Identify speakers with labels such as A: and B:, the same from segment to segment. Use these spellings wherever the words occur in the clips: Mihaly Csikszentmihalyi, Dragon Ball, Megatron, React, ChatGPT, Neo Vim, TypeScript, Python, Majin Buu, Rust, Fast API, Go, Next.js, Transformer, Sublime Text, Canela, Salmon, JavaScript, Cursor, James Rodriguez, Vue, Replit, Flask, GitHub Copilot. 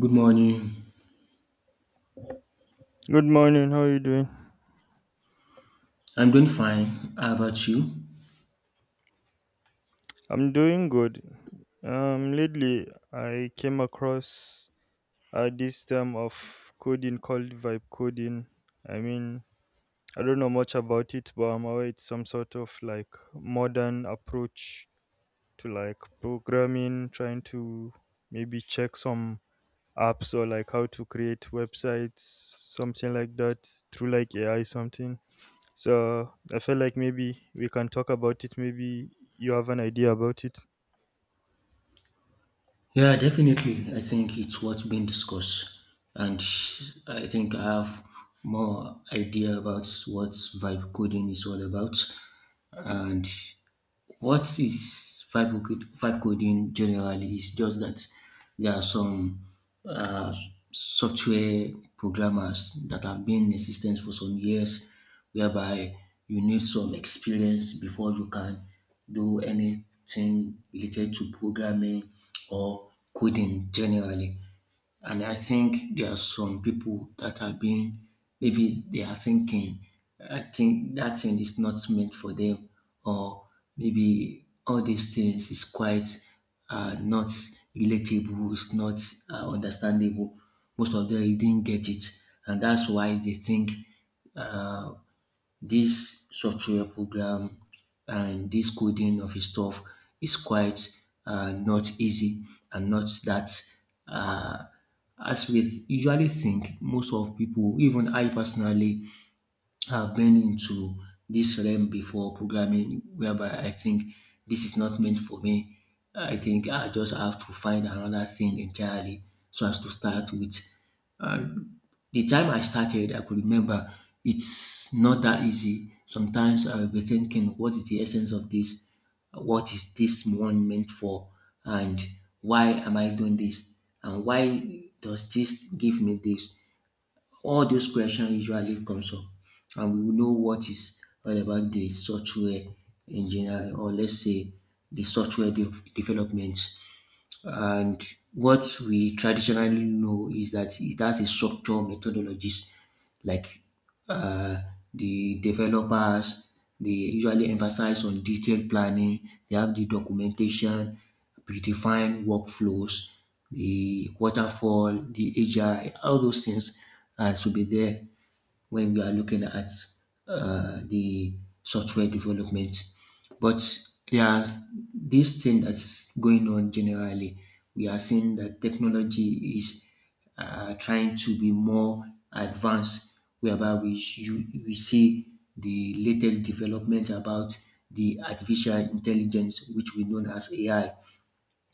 A: Good morning.
B: Good morning. How are you doing?
A: I'm doing fine. How about you?
B: I'm doing good. Lately I came across this term of coding called vibe coding. I mean, I don't know much about it, but I'm aware it's some sort of like modern approach to like programming, trying to maybe check some apps or like how to create websites, something like that through like AI something. So I feel like maybe we can talk about it. Maybe you have an idea about it.
A: Yeah, definitely. I think it's what's been discussed, and I think I have more idea about what vibe coding is all about, and what is vibe coding? Vibe coding generally is just that there are some uh, software programmers that have been in existence for some years, whereby you need some experience before you can do anything related to programming or coding generally. And I think there are some people that are being, maybe they are thinking, I think that thing is not meant for them, or maybe all these things is quite not relatable, it's not understandable. Most of them didn't get it, and that's why they think uh, this software program and this coding of his stuff is quite not easy and not that uh, as we usually think. Most of people, even I personally, have been into this realm before programming, whereby I think this is not meant for me. I think I just have to find another thing entirely so as to start with. Uh, the time I started, I could remember it's not that easy. Sometimes I'll be thinking, what is the essence of this? What is this one meant for? And why am I doing this? And why does this give me this? All those questions usually comes up, and we will know what is all about the software engineering, or let's say the software development. And what we traditionally know is that it has a structure methodologies like uh, the developers, they usually emphasize on detailed planning, they have the documentation, predefined workflows, the waterfall, the agile, all those things should be there when we are looking at the software development. But there are this thing that's going on generally. We are seeing that technology is trying to be more advanced, whereby we see the latest development about the artificial intelligence, which we know as AI.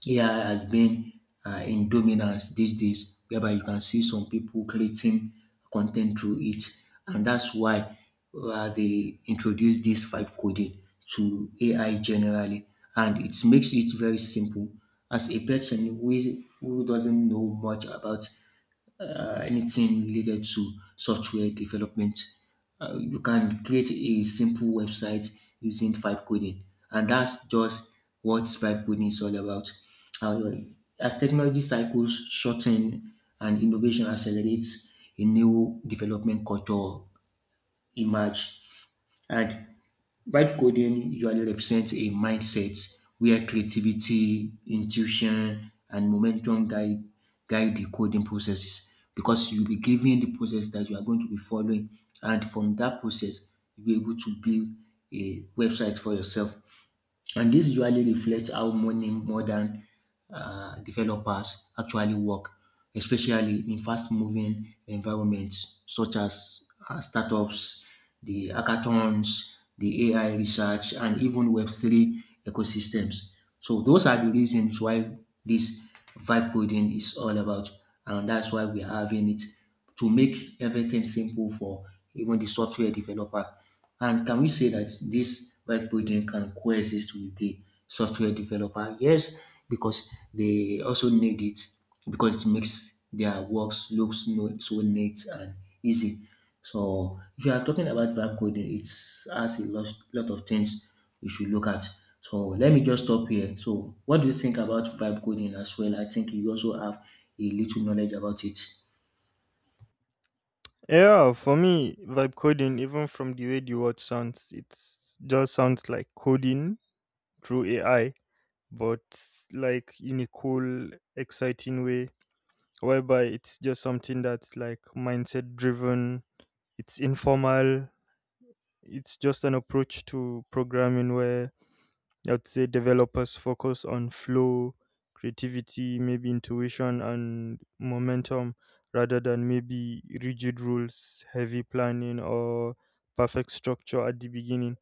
A: AI has been in dominance these days, whereby you can see some people creating content through it, and that's why they introduced this vibe coding to AI generally, and it makes it very simple. As a person who doesn't know much about anything related to software development. You can create a simple website using vibe coding, and that's just what vibe coding is all about. Uh, as technology cycles shorten and innovation accelerates, a new development culture emerge, and vibe coding usually represents a mindset where creativity, intuition, and momentum guide the coding processes because you'll be given the process that you are going to be following, and from that process, you'll be able to build a website for yourself. And this usually reflects how many modern developers actually work, especially in fast-moving environments such as startups, the hackathons, the AI research, and even Web3 ecosystems. So those are the reasons why this vibe coding is all about, and that's why we are having it to make everything simple for even the software developer. And can we say that this web building can coexist with the software developer? Yes, because they also need it because it makes their works looks no, so neat and easy. So if you are talking about vibe coding, it's has a lot of things we should look at. So let me just stop here. So what do you think about vibe coding as well? I think you also have a little knowledge about it.
B: Yeah, for me, vibe coding, even from the way the word sounds, it just sounds like coding through AI, but like in a cool, exciting way, whereby it's just something that's like mindset driven. It's informal. It's just an approach to programming where I would say developers focus on flow, creativity, maybe intuition and momentum rather than maybe rigid rules, heavy planning, or perfect structure at the beginning.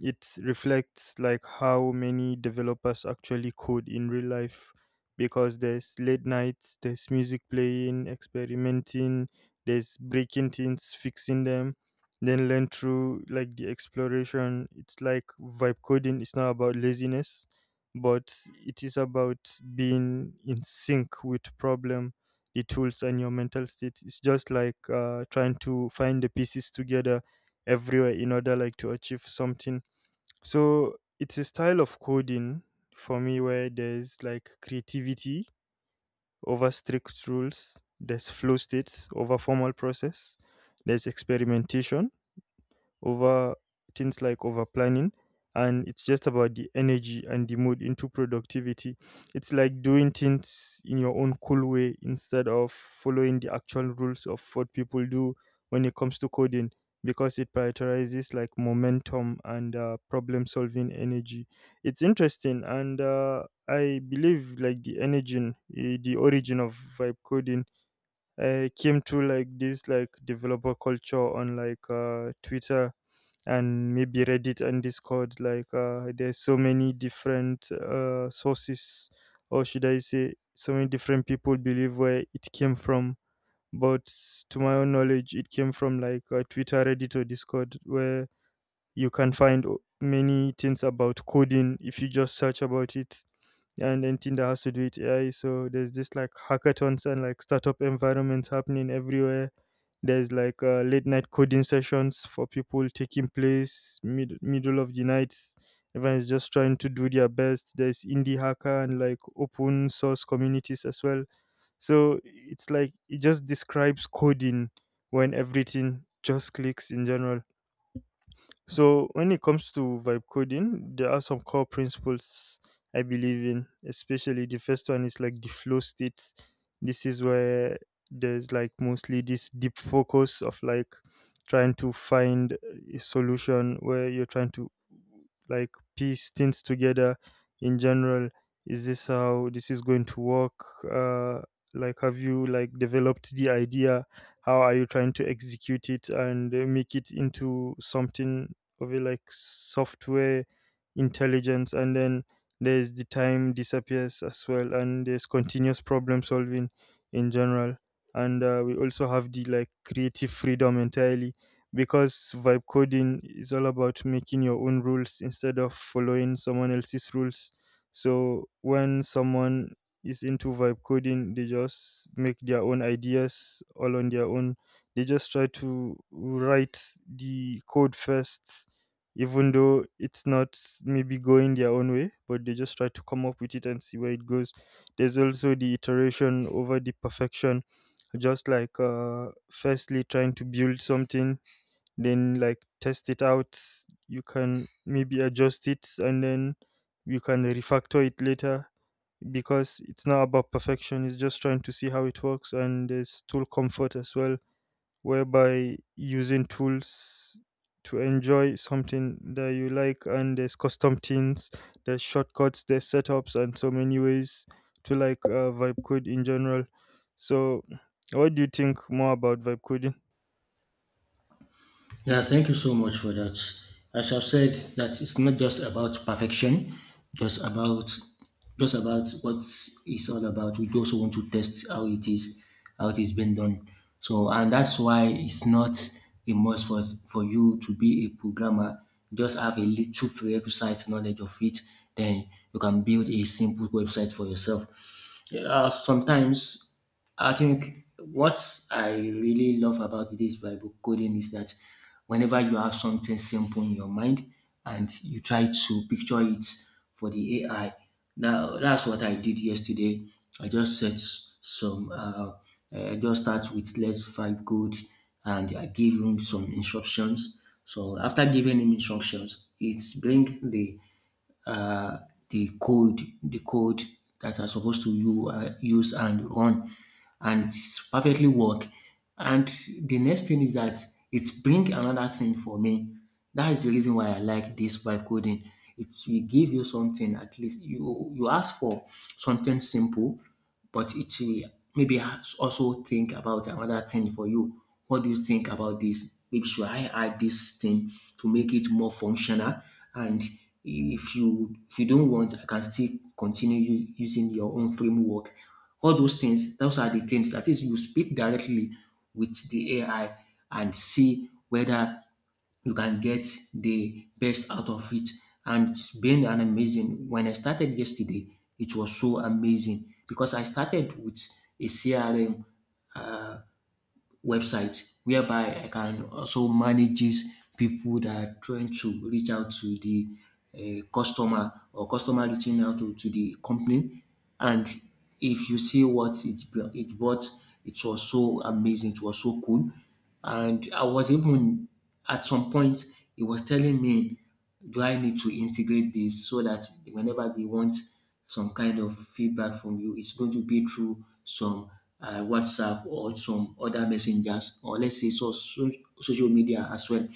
B: It reflects like how many developers actually code in real life, because there's late nights, there's music playing, experimenting, there's breaking things, fixing them, then learn through like the exploration. It's like vibe coding, it's not about laziness, but it is about being in sync with problem, the tools and your mental state. It's just like trying to find the pieces together everywhere in order like to achieve something. So it's a style of coding for me where there's like creativity over strict rules, there's flow state over formal process, there's experimentation over things like over planning, and it's just about the energy and the mood into productivity. It's like doing things in your own cool way instead of following the actual rules of what people do when it comes to coding, because it prioritizes like momentum and problem solving energy. It's interesting, and I believe like the origin of vibe coding came through like this like developer culture on like Twitter and maybe Reddit and Discord. Like there's so many different sources, or should I say so many different people believe where it came from. But to my own knowledge, it came from like Twitter, Reddit or Discord, where you can find many things about coding if you just search about it. And then Tinder has to do it AI. So there's this like hackathons and like startup environments happening everywhere. There's like late night coding sessions for people taking place middle of the night. Everyone's just trying to do their best. There's indie hacker and like open source communities as well. So it's like it just describes coding when everything just clicks in general. So when it comes to vibe coding, there are some core principles I believe in, especially the first one is like the flow state. This is where there's like mostly this deep focus of like trying to find a solution where you're trying to like piece things together in general. Is this how this is going to work? Uh, like, have you like developed the idea? How are you trying to execute it and make it into something of it like software intelligence? And then there's the time disappears as well, and there's continuous problem solving in general. And we also have the like creative freedom entirely, because vibe coding is all about making your own rules instead of following someone else's rules. So when someone is into vibe coding, they just make their own ideas all on their own. They just try to write the code first, even though it's not maybe going their own way, but they just try to come up with it and see where it goes. There's also the iteration over the perfection, just like firstly trying to build something, then like test it out. You can maybe adjust it, and then you can refactor it later, because it's not about perfection, it's just trying to see how it works. And there's tool comfort as well, whereby using tools to enjoy something that you like, and there's custom things, there's shortcuts, there's setups and so many ways to like vibe code in general. So what do you think more about vibe coding?
A: Yeah, thank you so much for that. As I've said, that it's not just about perfection, just about just about what it's all about. We also want to test how it is being done. So, and that's why it's not a must for you to be a programmer. Just have a little prerequisite knowledge of it, then you can build a simple website for yourself. Sometimes I think what I really love about this Bible coding is that whenever you have something simple in your mind and you try to picture it for the AI, now that's what I did yesterday. I just set some, uh, I just start with let's find good and I gave him some instructions. So after giving him instructions, it's bring uh, the code that are supposed to you use and run, and it's perfectly work. And the next thing is that it bring another thing for me. That is the reason why I like this by coding. It will give you something at least you ask for something simple but each way, maybe I also think about another thing for you. What do you think about this? Maybe should I add this thing to make it more functional? And if you don't want, I can still continue using your own framework. All those things, those are the things. That is, you speak directly with the AI and see whether you can get the best out of it. And it's been an amazing. When I started yesterday, it was so amazing because I started with a CRM. Uh, website whereby I can also manages people that are trying to reach out to the customer or customer reaching out to the company. And if you see what it brought, it was so amazing, it was so cool. And I was even at some point, he was telling me do I need to integrate this so that whenever they want some kind of feedback from you, it's going to be through some WhatsApp or some other messengers, or let's say social media as well.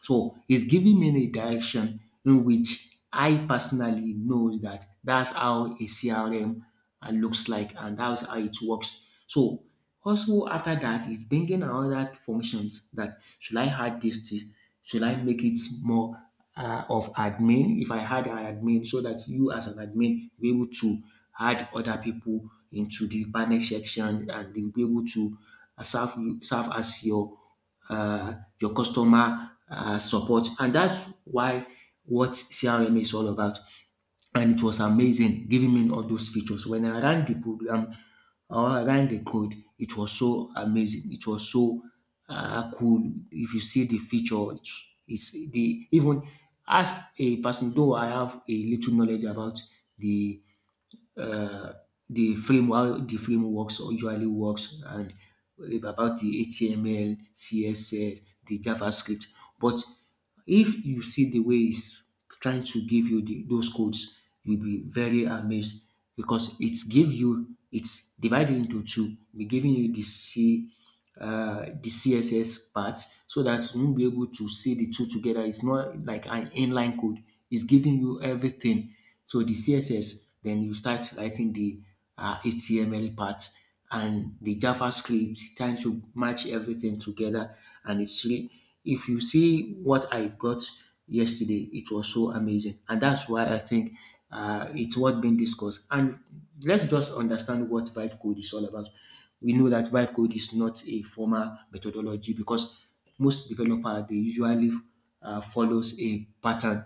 A: So he's giving me a direction in which I personally know that that's how a CRM looks like and that's how it works. So also after that, he's bringing another functions that should I add this to, should I make it more of admin if I had an admin so that you as an admin be able to add other people into the panel section and they'll be able to serve you serve as uh, your customer support. And that's why what CRM is all about. And it was amazing giving me all those features. When I ran the program or I ran the code, it was so amazing. It was so cool. If you see the feature, it's the even as a person, though I have a little knowledge about the uh, the framework, the frameworks usually works and about the HTML, CSS, the JavaScript. But if you see the way it's trying to give you the, those codes, you'll be very amazed because it's give you it's divided into two, be giving you the C the CSS part so that you won't be able to see the two together. It's not like an inline code. It's giving you everything. So the CSS, then you start writing the HTML part and the JavaScript, trying to match everything together. And it's really, if you see what I got yesterday, it was so amazing. And that's why I think it's worth being discussed. And let's just understand what vibe code is all about. We know that vibe code is not a formal methodology because most developer they usually follows a pattern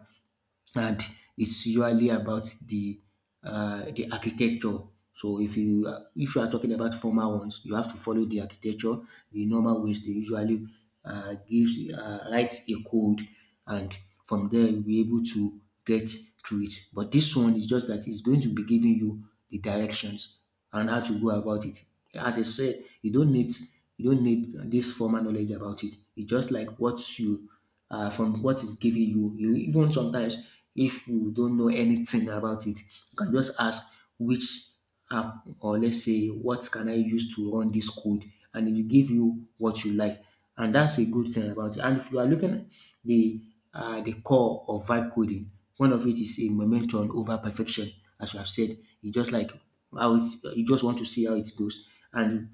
A: and it's usually about the architecture. So if you are talking about formal ones, you have to follow the architecture, the normal ways they usually gives writes a code, and from there you'll be able to get through it. But this one is just that it's going to be giving you the directions and how to go about it. As I said, you don't need this formal knowledge about it. It's just like what you from what is given you. You even sometimes, if you don't know anything about it, you can just ask which app or let's say what can I use to run this code, and it will give you what you like. And that's a good thing about it. And if you are looking at the the core of vibe coding, one of it is a momentum over perfection, as you have said. It's just like how it's, you just want to see how it goes, and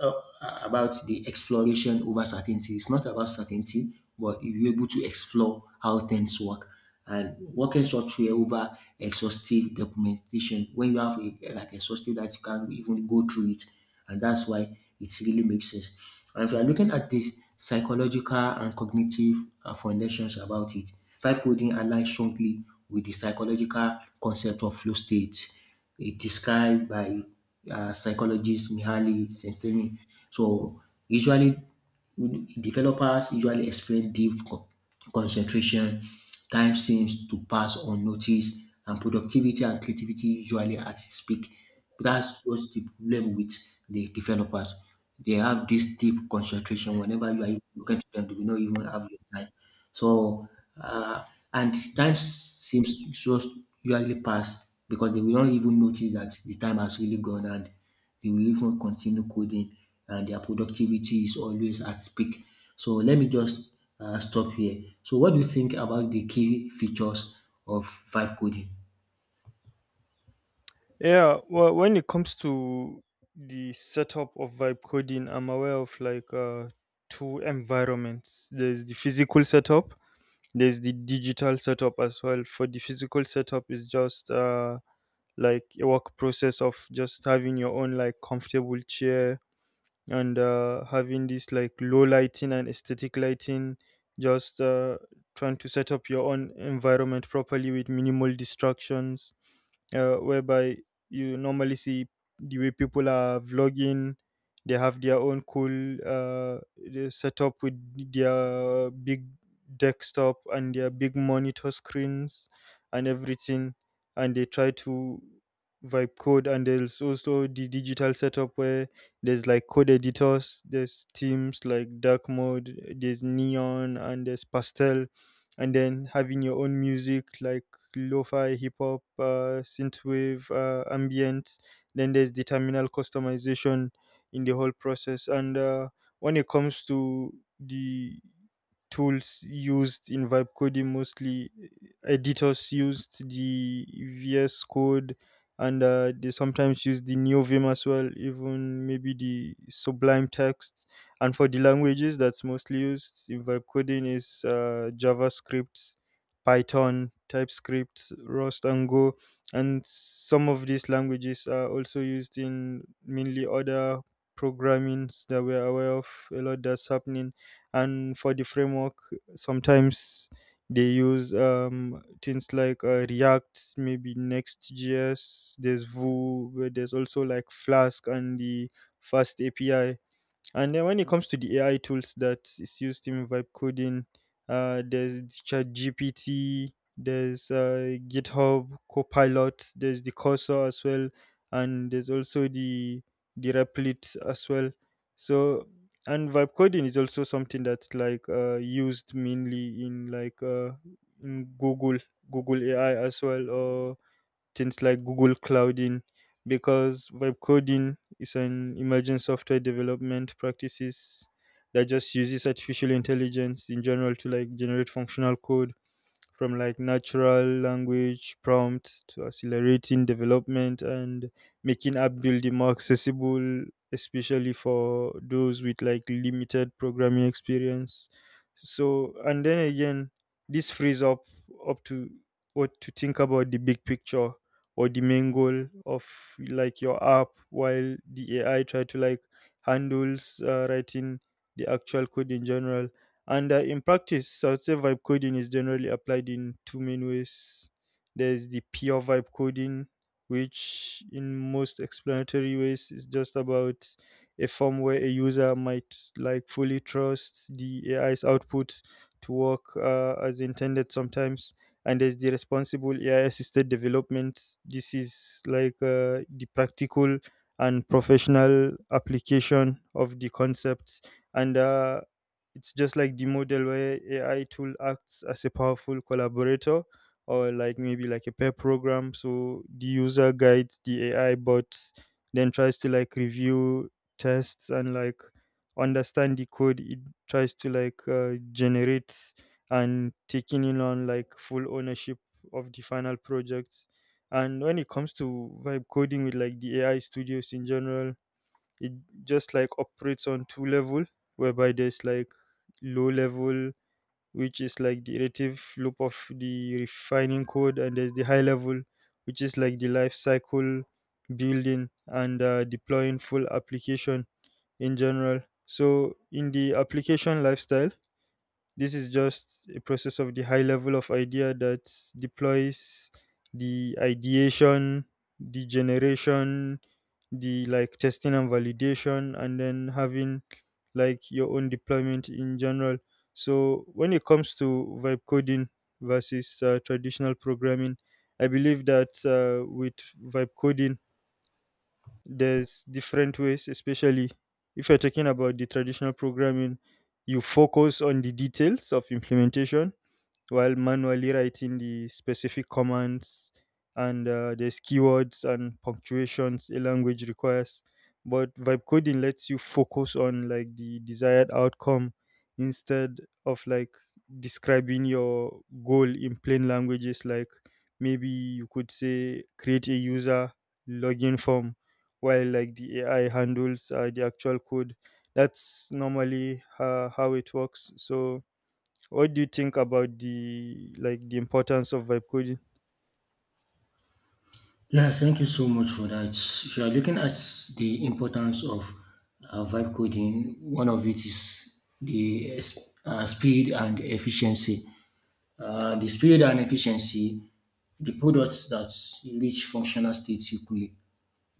A: uh, about the exploration over certainty. It's not about certainty, but you're able to explore how things work. And working can software over exhaustive documentation when you have a, like exhaustive that you can't even go through it, and that's why it really makes sense. And if you are looking at this psychological and cognitive foundations about it, vibe coding aligns strongly with the psychological concept of flow states. It described by psychologist Mihaly Csikszentmihalyi. So usually, developers usually explain deep concentration, time seems to pass unnoticed, and productivity and creativity usually at its peak. That's what's the problem with the developers. They have this deep concentration. Whenever you are looking to them, they will not even have your time. So, uh, and time seems to just usually pass because they will not even notice that the time has really gone, and they will even continue coding, and their productivity is always at peak. So let me just stop here. So what do you think about the key features of vibe coding?
B: Yeah, well, when it comes to the setup of vibe coding, I'm aware of like two environments. There's the physical setup, there's the digital setup as well. For the physical setup is just like a work process of just having your own like comfortable chair, and having this like low lighting and aesthetic lighting. Just trying to set up your own environment properly with minimal distractions, whereby you normally see the way people are vlogging. They have their own cool they set with their big desktop and their big monitor screens and everything, and they try to vibe code. And there's also the digital setup where there's like code editors, there's themes like dark mode, there's neon, and there's pastel, and then having your own music like lo-fi, hip hop, synthwave, ambient. Then there's the terminal customization in the whole process. And when it comes to the tools used in vibe coding, mostly editors used the VS Code, and they sometimes use the Neo Vim as well, even maybe the Sublime Text. And for the languages that's mostly used in vibe coding is JavaScript, Python, TypeScript, Rust, and Go. And some of these languages are also used in mainly other programmings that we're aware of a lot that's happening. And for the framework, sometimes they use things like React, maybe Next.js, there's Vue, but there's also like Flask and the FastAPI and then when it comes to the AI tools that is used in vibe coding, there's ChatGPT, there's GitHub Copilot, there's the Cursor as well, and there's also the Replit as well. So and vibe coding is also something that's like used mainly in like in Google, Google AI as well, or things like Google Clouding, because vibe coding is an emerging software development practices that just uses artificial intelligence in general to like generate functional code from like natural language prompts to accelerating development and making app building more accessible, especially for those with like limited programming experience. So and then again, this frees up to what to think about the big picture or the main goal of like your app, while the AI try to like handles writing the actual code in general. And in practice, I would say vibe coding is generally applied in two main ways. There's the pure vibe coding, which in most explanatory ways is just about a form where a user might like fully trust the AI's output to work as intended sometimes. And there's the responsible AI assisted development. This is like the practical and professional application of the concepts, and it's just like the model where AI tool acts as a powerful collaborator, or like maybe like a pair program. So the user guides the AI bot, then tries to like review tests and like understand the code. It tries to like generate and taking in on like full ownership of the final projects. And when it comes to vibe coding with like the AI studios in general, it just like operates on two level, whereby there's like low level, which is like the iterative loop of the refining code, and there's the high level, which is like the life cycle building and deploying full application in general. So in the application lifestyle, this is just a process of the high level of idea that deploys the ideation, the generation, the like testing and validation, and then having like your own deployment in general. So when it comes to vibe coding versus traditional programming, I believe that with vibe coding, there's different ways, especially if you're talking about the traditional programming. You focus on the details of implementation while manually writing the specific commands, and there's keywords and punctuations a language requires. But vibe coding lets you focus on like the desired outcome, instead of like describing your goal in plain languages. Like maybe you could say create a user login form, while like the AI handles the actual code. That's normally how it works. So what do you think about the like the importance of vibe coding?
A: Yeah, thank you so much for that. If you are looking at the importance of vibe coding, one of it is the speed and efficiency. The speed and efficiency, the products that reach functional states quickly.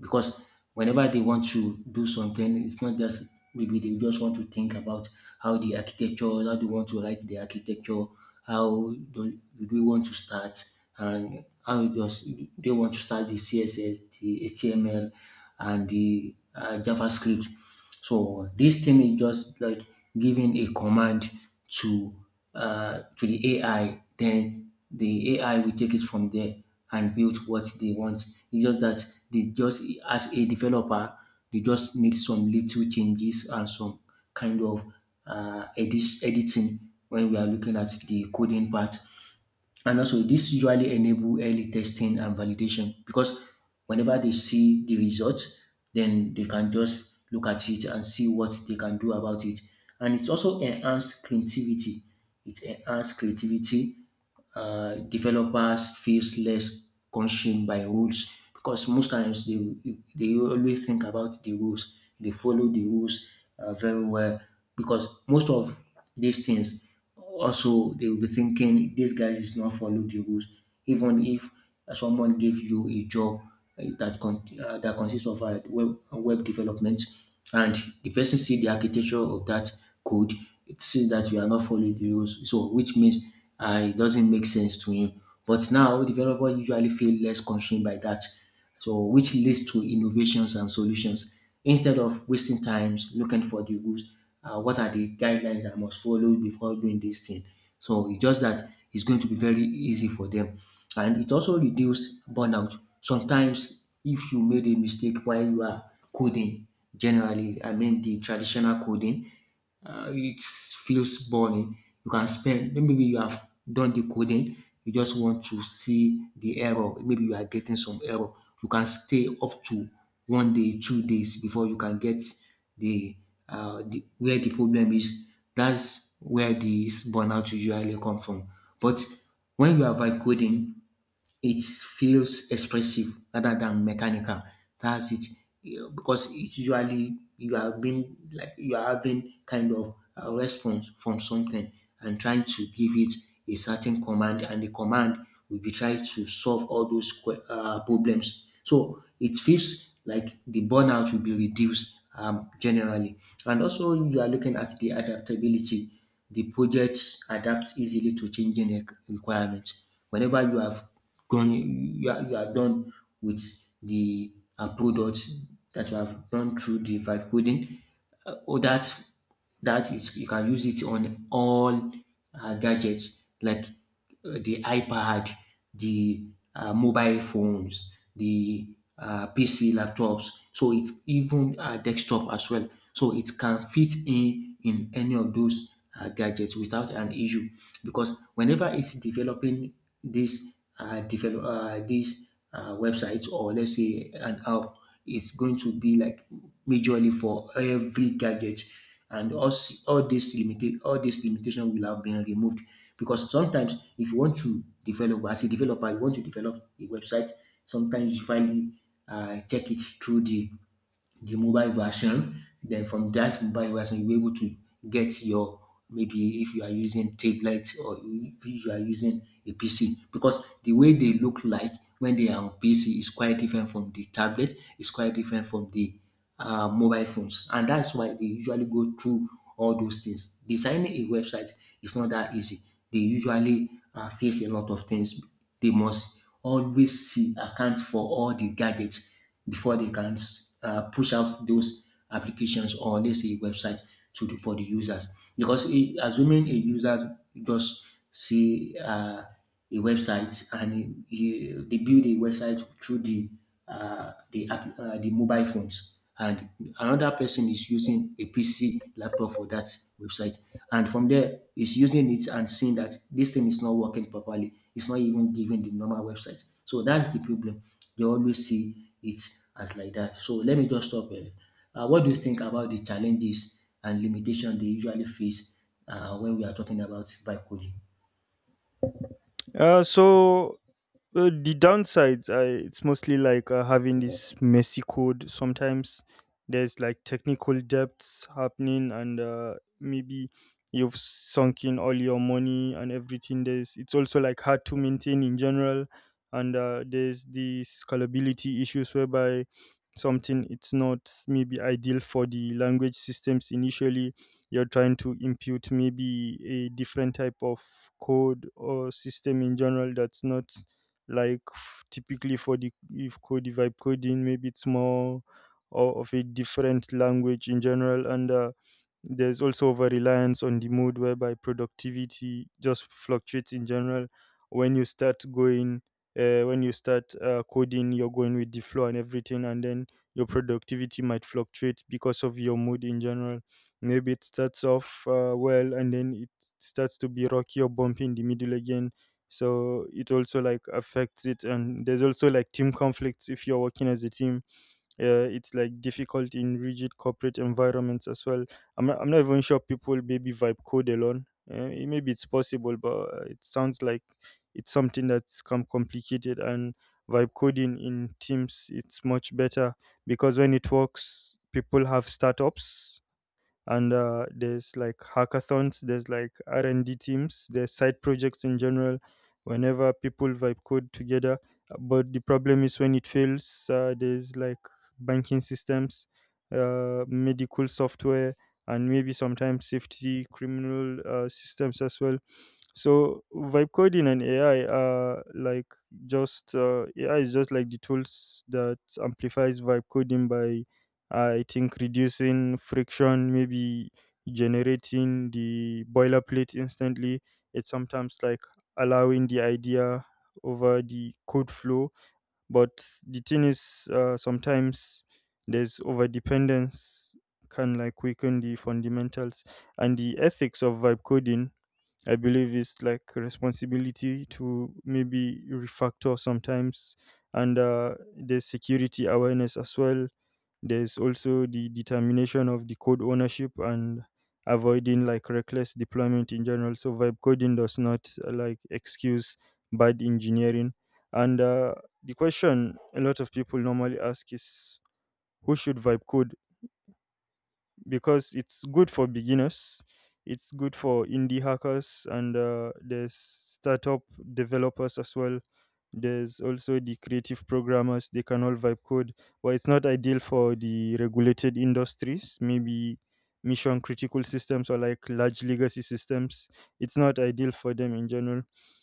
A: Because whenever they want to do something, it's not just maybe they just want to think about how the architecture, how they want to write the architecture, how do they want to start, and how does they want to start the CSS, the HTML, and the JavaScript. So this thing is just like giving a command to to the AI, then the AI will take it from there and build what they want. It's just that they just, as a developer, they just need some little changes and some kind of editing when we are looking at the coding part. And also, this usually enable early testing and validation, because whenever they see the results, then they can just look at it and see what they can do about it. And it's also enhance creativity. It enhance creativity, developers feels less consumed by rules, because most times they always think about the rules. They follow the rules very well, because most of these things, also they will be thinking this guy is not follow the rules, even if someone give you a job that consists of web development, and the person see the architecture of that code, it sees that you are not following the rules, so which means it doesn't make sense to him. But now developer usually feel less constrained by that, so which leads to innovations and solutions instead of wasting times looking for the rules. What are the guidelines I must follow before doing this thing? So it's just that it's going to be very easy for them. And it also reduce burnout. Sometimes if you made a mistake while you are coding, generally, I mean the traditional coding, it feels boring. You can spend, maybe you have done the coding, you just want to see the error. Maybe you are getting some error. You can stay up to 1 day, 2 days before you can get the, the where the problem is, that's where this burnout usually come from. But when you are vibe coding, it feels expressive rather than mechanical. That's it. You Because it usually, you are being like you are having kind of a response from something, and trying to give it a certain command, and the command will be trying to solve all those problems. So it feels like the burnout will be reduced generally. And also, you are looking at the adaptability. The projects adapt easily to changing requirements. Whenever you have gone you are done with the product that you have done through the vibe coding. Or that that is you can use it on all gadgets like the iPad, the mobile phones, the PC laptops, so it's even desktop as well. So it can fit in any of those gadgets without an issue, because whenever it's developing this develop this website, or let's say an app, is going to be like majorly for every gadget, and us all this limitation will have been removed. Because sometimes if you want to develop, as a developer you want to develop a website, sometimes you finally check it through the mobile version. Then from that mobile version, you are able to get your, maybe if you are using tablet or if you are using a PC, because the way they look like when they are on PC is quite different from the tablet, is quite different from the mobile phones, and that's why they usually go through all those things. Designing a website is not that easy. They usually face a lot of things. They must always see account for all the gadgets before they can push out those applications, or let's say websites, to the, for the users. Because assuming a user just see a website, and he, they build a website through the the mobile phones, and another person is using a PC laptop for that website. And from there, he's using it and seeing that this thing is not working properly. It's not even giving the normal website. So that's the problem. They always see it as like that. So let me just stop here. What do you think about the challenges and limitation they usually face when we are talking about vibe coding?
B: Uh, so the downsides, it's mostly like having this messy code. Sometimes there's like technical debts happening, and maybe you've sunk in all your money and everything. There's it's also like hard to maintain in general, and there's the scalability issues whereby something it's not maybe ideal for the language systems initially. You're trying to impute maybe a different type of code or system in general that's not like typically for the if Cody vibe coding. Maybe it's more of a different language in general. And there's also over reliance on the mode whereby productivity just fluctuates in general. When you start going, when you start coding, you're going with the flow and everything, and then your productivity might fluctuate because of your mood in general. Maybe it starts off well, and then it starts to be rocky or bumpy in the middle again, so it also like affects it. And there's also like team conflicts if you're working as a team. Uh, it's like difficult in rigid corporate environments as well. I'm not even sure people maybe vibe code alone. Maybe it's possible, but it sounds like it's something that's come complicated, and vibe coding in teams it's much better, because when it works people have startups. And there's like hackathons, there's like r&d teams, there's side projects in general whenever people vibe code together. But the problem is when it fails, there's like banking systems, medical software, and maybe sometimes safety criminal systems as well. So vibe coding and AI are like just AI is just like the tools that amplifies vibe coding by, I think, reducing friction, maybe generating the boilerplate instantly. It's sometimes like allowing the idea over the code flow. But the thing is, sometimes there's over dependence, can like weaken the fundamentals and the ethics of vibe coding. I believe it's like responsibility to maybe refactor sometimes, and there's security awareness as well. There's also the determination of the code ownership and avoiding like reckless deployment in general. So vibe coding does not like excuse bad engineering. And the question a lot of people normally ask is who should vibe code, because it's good for beginners. It's good for indie hackers, and there's startup developers as well. There's also the creative programmers. They can all vibe code. But it's not ideal for the regulated industries, maybe mission critical systems or like large legacy systems. It's not ideal for them in general.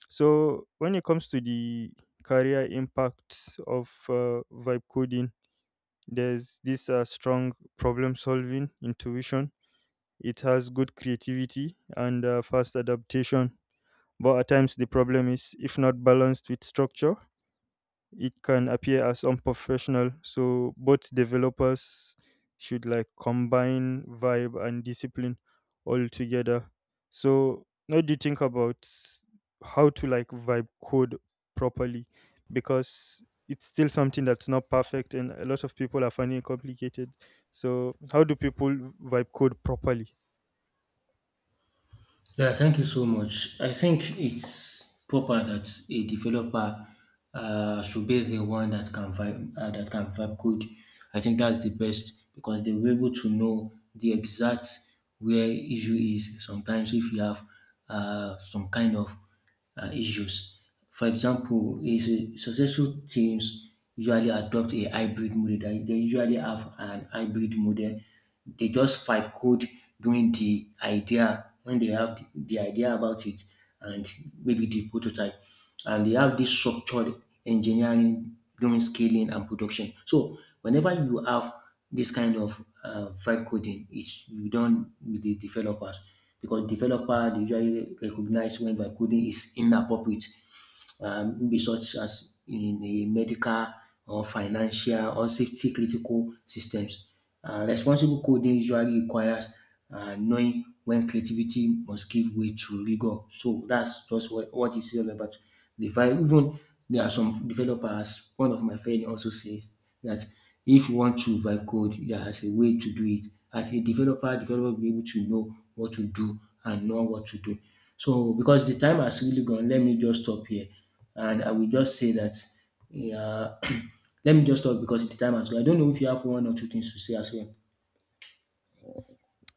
B: So when it comes to the career impact of vibe coding, there's this strong problem solving intuition. It has good creativity and fast adaptation. But at times, the problem is, if not balanced with structure, it can appear as unprofessional. So both developers should like combine vibe and discipline all together. So what do you think about how to like vibe code properly, because it's still something that's not perfect and a lot of people are finding it complicated? So how do people vibe code properly?
A: Yeah, thank you so much. I think it's proper that a developer should be the one that can vibe code. I think that's the best, because they were able to know the exact where issue is. Sometimes if you have some kind of issues. For example, is a successful teams usually adopt a hybrid model. They usually have an hybrid model. They just fight code doing the idea when they have the idea about it, and maybe the prototype. And they have this structured engineering doing scaling and production. So whenever you have this kind of vibe coding, it's you done with the developers, because developer they usually recognize when vibe coding is inappropriate, maybe such as in the medical or financial or safety critical systems. Responsible coding usually requires knowing when creativity must give way to rigor. So that's just what it's all about. The vibe, even there are some developers, one of my friend also says that if you want to write code, there's a way to do it. As a developer, developer will be able to know what to do and know what to do. So because the time has really gone, let me just stop here. And I will just say that, yeah, let me just stop, because the time has gone. I don't know if you have one or two things to say as well.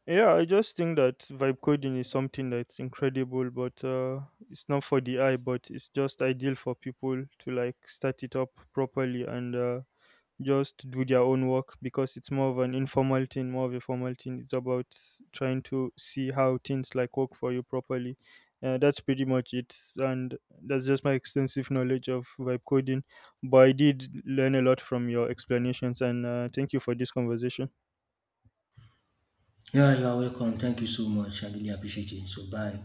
B: Yeah, I just think that vibe coding is something that's incredible, but it's not for the eye, but it's just ideal for people to like start it up properly, and just do their own work, because it's more of an informal thing, more of a formal thing. It's about trying to see how things like work for you properly. That's pretty much it, and that's just my extensive knowledge of vibe coding. But I did learn a lot from your explanations, and thank you for this conversation.
A: Yeah, you are welcome. Thank you so much. I really appreciate it. So bye.